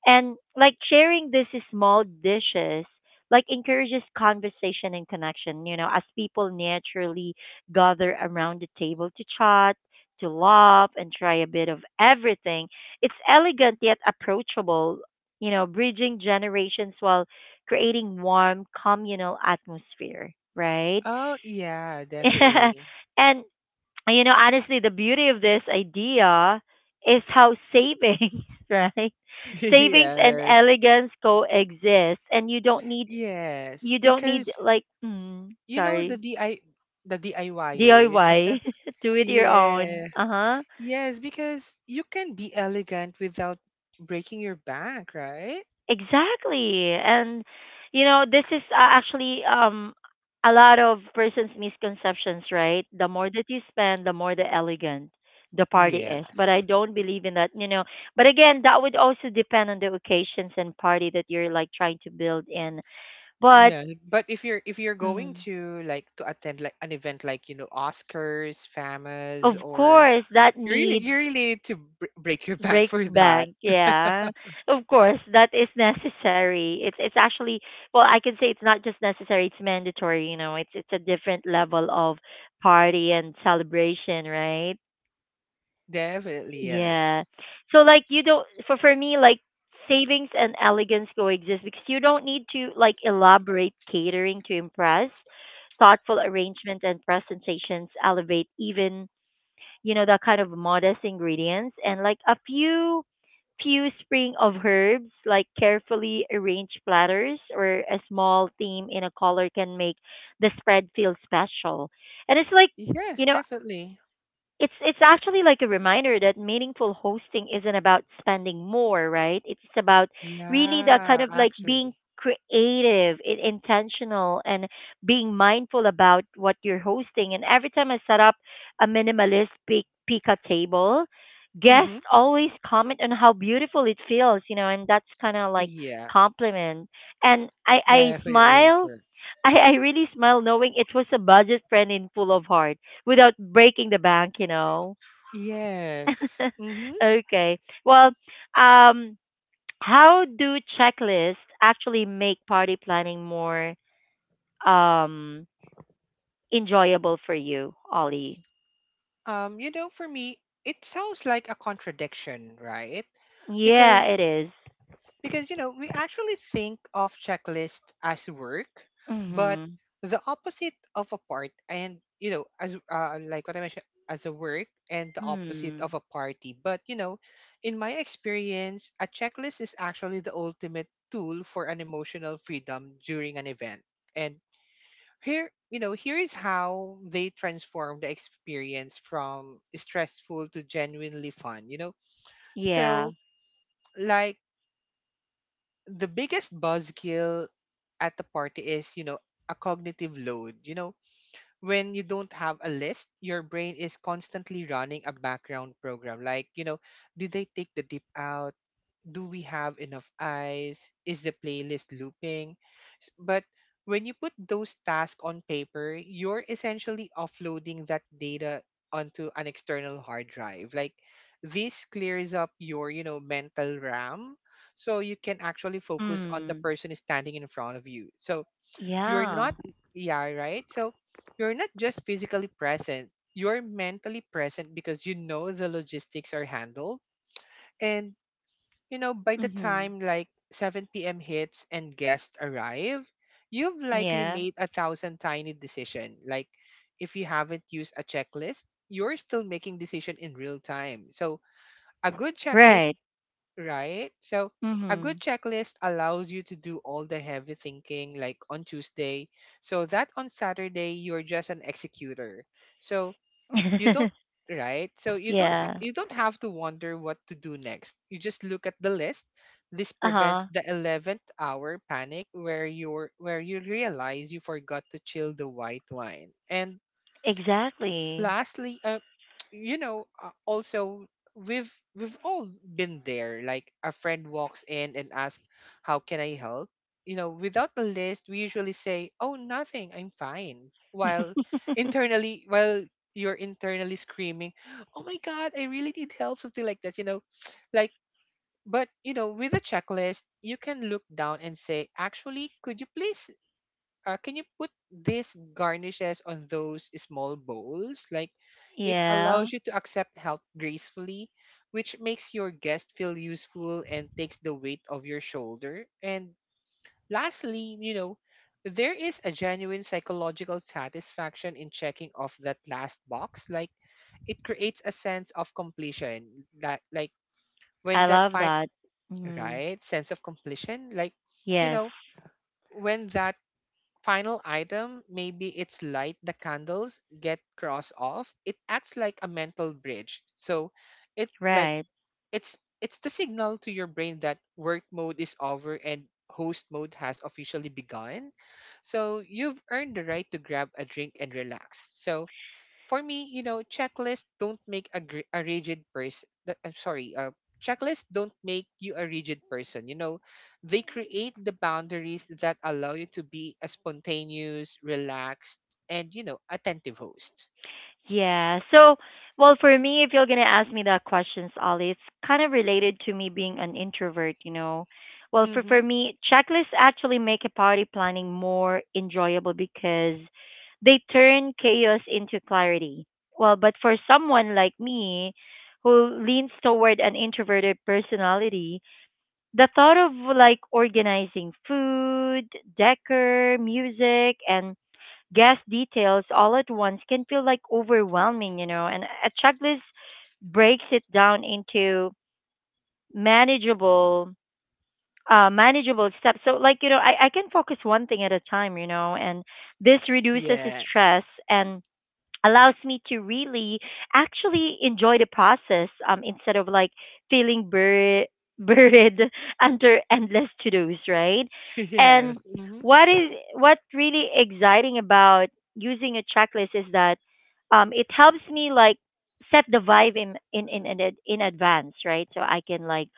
And like sharing these small dishes like encourages conversation and connection, you know, as people naturally gather around the table to chat, to love and try a bit of everything. It's elegant yet approachable, you know, bridging generations while creating warm communal atmosphere, right? Oh, yeah, definitely. And you know, honestly, the beauty of this idea is how savings, right? Savings and Yes. elegance coexist, and Yes. you don't need Because, like mm, you know, the sorry DI the DIYer is something. DIY, do it your Yeah. own. Uh huh. Yes, because you can be elegant without breaking your back, right? Exactly. And you know, this is actually a lot of persons misconceptions, right? The more that you spend, the more the elegant the party is. But I Yes. don't believe in that, you know. But again, that would also depend on the occasions and party that you're like trying to build in. But Yeah, but if you're going mm, to like to attend like an event like, you know, Oscars, of FAMAs, or course, that you really, need you really need to br break your back break for that. bank, yeah. Of course, that is necessary. It's actually, well, I can say it's not just necessary, it's mandatory, you know. It's a different level of party and celebration, right? Definitely Yeah. yes. So like you don't, for me like savings and elegance coexist because you don't need to like elaborate catering to impress. Thoughtful arrangement and presentations elevate even, you know, that kind of modest ingredients and like a few few spring of herbs, like carefully arranged platters or a small theme in a color can make the spread feel special. And it's like, you Yes, know, definitely. It's actually like a reminder that meaningful hosting isn't about spending more, right? It's about really the kind Yeah, of like being actually. creative, I- intentional, and being mindful about what you're hosting. And every time I set up a minimalist pic- pika table, guests Mm-hmm. always comment on how beautiful it feels, you know, and that's kind of like Yeah, compliment. And I definitely smile, correct. I really smile knowing it was a budget friend in full of heart without breaking the bank, you know. Yes. Mm-hmm. Okay. Well, um, how do checklists actually make party planning more um, enjoyable for you, Ollie? You know, for me, it sounds like a contradiction, right? Yeah, it Because is. Because, you know, we actually think of checklist as work, but Mhm. the opposite of a part and, you know, as like what I mentioned, as a work and the opposite Mm. of a party. But, you know, in my experience, a checklist is actually the ultimate tool for an emotional freedom during an event. And here, you know, here is how they transform the experience from stressful to genuinely fun, you know? Yeah. So, like, the biggest buzzkill at the party is, you know, a cognitive load. You know, when you don't have a list, your brain is constantly running a background program. Like, you know, did I take the dip out? Do we have enough eyes? Is the playlist looping? But when you put those tasks on paper, you're essentially offloading that data onto an external hard drive. Like, this clears up your, you know, mental RAM so you can actually focus on the Mm. person standing in front of you. So you're Yeah. not yeah, right? So you're not just physically present, you're mentally present, because you know the logistics are handled. And, you know, by the Mhm. time like 7 p.m. hits and guests arrive, you've likely Yeah. made a thousand tiny decision. Like, if you haven't used a checklist, you're still making decision in real time. So a good checklist, Right. right? So a good Mhm. checklist allows you to do all the heavy thinking like on Tuesday, so that on Saturday you're just an executor. So you don't right, so you don't Yeah. you don't have to wonder what to do next, you just look at the list. This prevents Uh-huh. the 11th hour panic where you're where you realize you forgot to chill the white wine. And Exactly. lastly, you know, also, we've all been there. Like a friend walks in and asks, "How can I help?" You know, without a list, we usually say, "Oh, nothing. I'm fine." While internally, while you're internally screaming, "Oh my God, I really need help," something like that. You know, like. But you know, with a checklist, you can look down and say, "Actually, could you please can you put these garnishes on those small bowls?" Like, it Yeah, allows you to accept help gracefully, which makes your guest feel useful and takes the weight of your shoulder. And lastly, you know, there is a genuine psychological satisfaction in checking off that last box. Like, it creates a sense of completion that, like, when I that love fine, that. Mhm. right, sense of completion, like, you Yes, know, when that final item, maybe it's light the candles, get cross off. It acts like a mental bridge. So it like right. It's the signal to your brain that work mode is over and host mode has officially begun. So you've earned the right to grab a drink and relax. So for me, you know, checklists don't make a, gr- a rigid person. I'm sorry, checklists don't make you a rigid person. You know, they create the boundaries that allow you to be a spontaneous, relaxed, and, you know, attentive host. Yeah. So, well, for me, if you're gonna ask me that questions, Ali, it's kind of related to me being an introvert. You know, well, Mm-hmm. for me, checklists actually make a party planning more enjoyable because they turn chaos into clarity. Well, but for someone like me, who leans toward an introverted personality, the thought of like organizing food, decor, music, and guest details all at once can feel like overwhelming, you know. And a checklist breaks it down into manageable manageable steps. So like, you know, I can focus one thing at a time, you know, and this reduces Yes. stress and allows me to really actually enjoy the process, instead of like feeling bur- buried under endless to-dos, right? And yes. Mm-hmm. what is what really exciting about using a checklist is that it helps me like set the vibe in, ad- in advance, right? So I can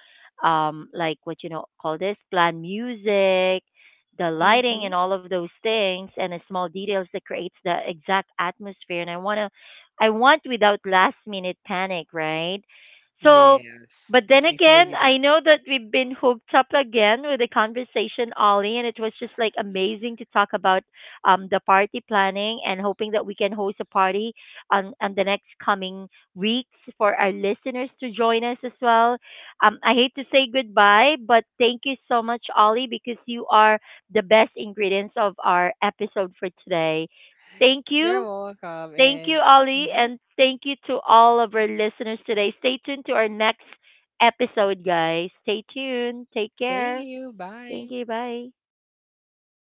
like what you know call this plan music, the lighting Mm-hmm. and all of those things and the small details that creates the exact atmosphere and I want to I want without last minute panic, right? So Yes, but then I feel again you that. I know that we've been hooked up again with the conversation, Ollie, and it was just like amazing to talk about the party planning and hoping that we can host a party on the next coming weeks for our listeners to join us as well. I hate to say goodbye, but thank you so much, Ollie, because you are the best ingredients of our episode for today. Thank You're you. welcome, Thank and you, Ollie. mhm, And thank you to all of our listeners today. Stay tuned to our next episode, guys. Stay tuned. Take thank care. you. Thank Bye. you. Bye.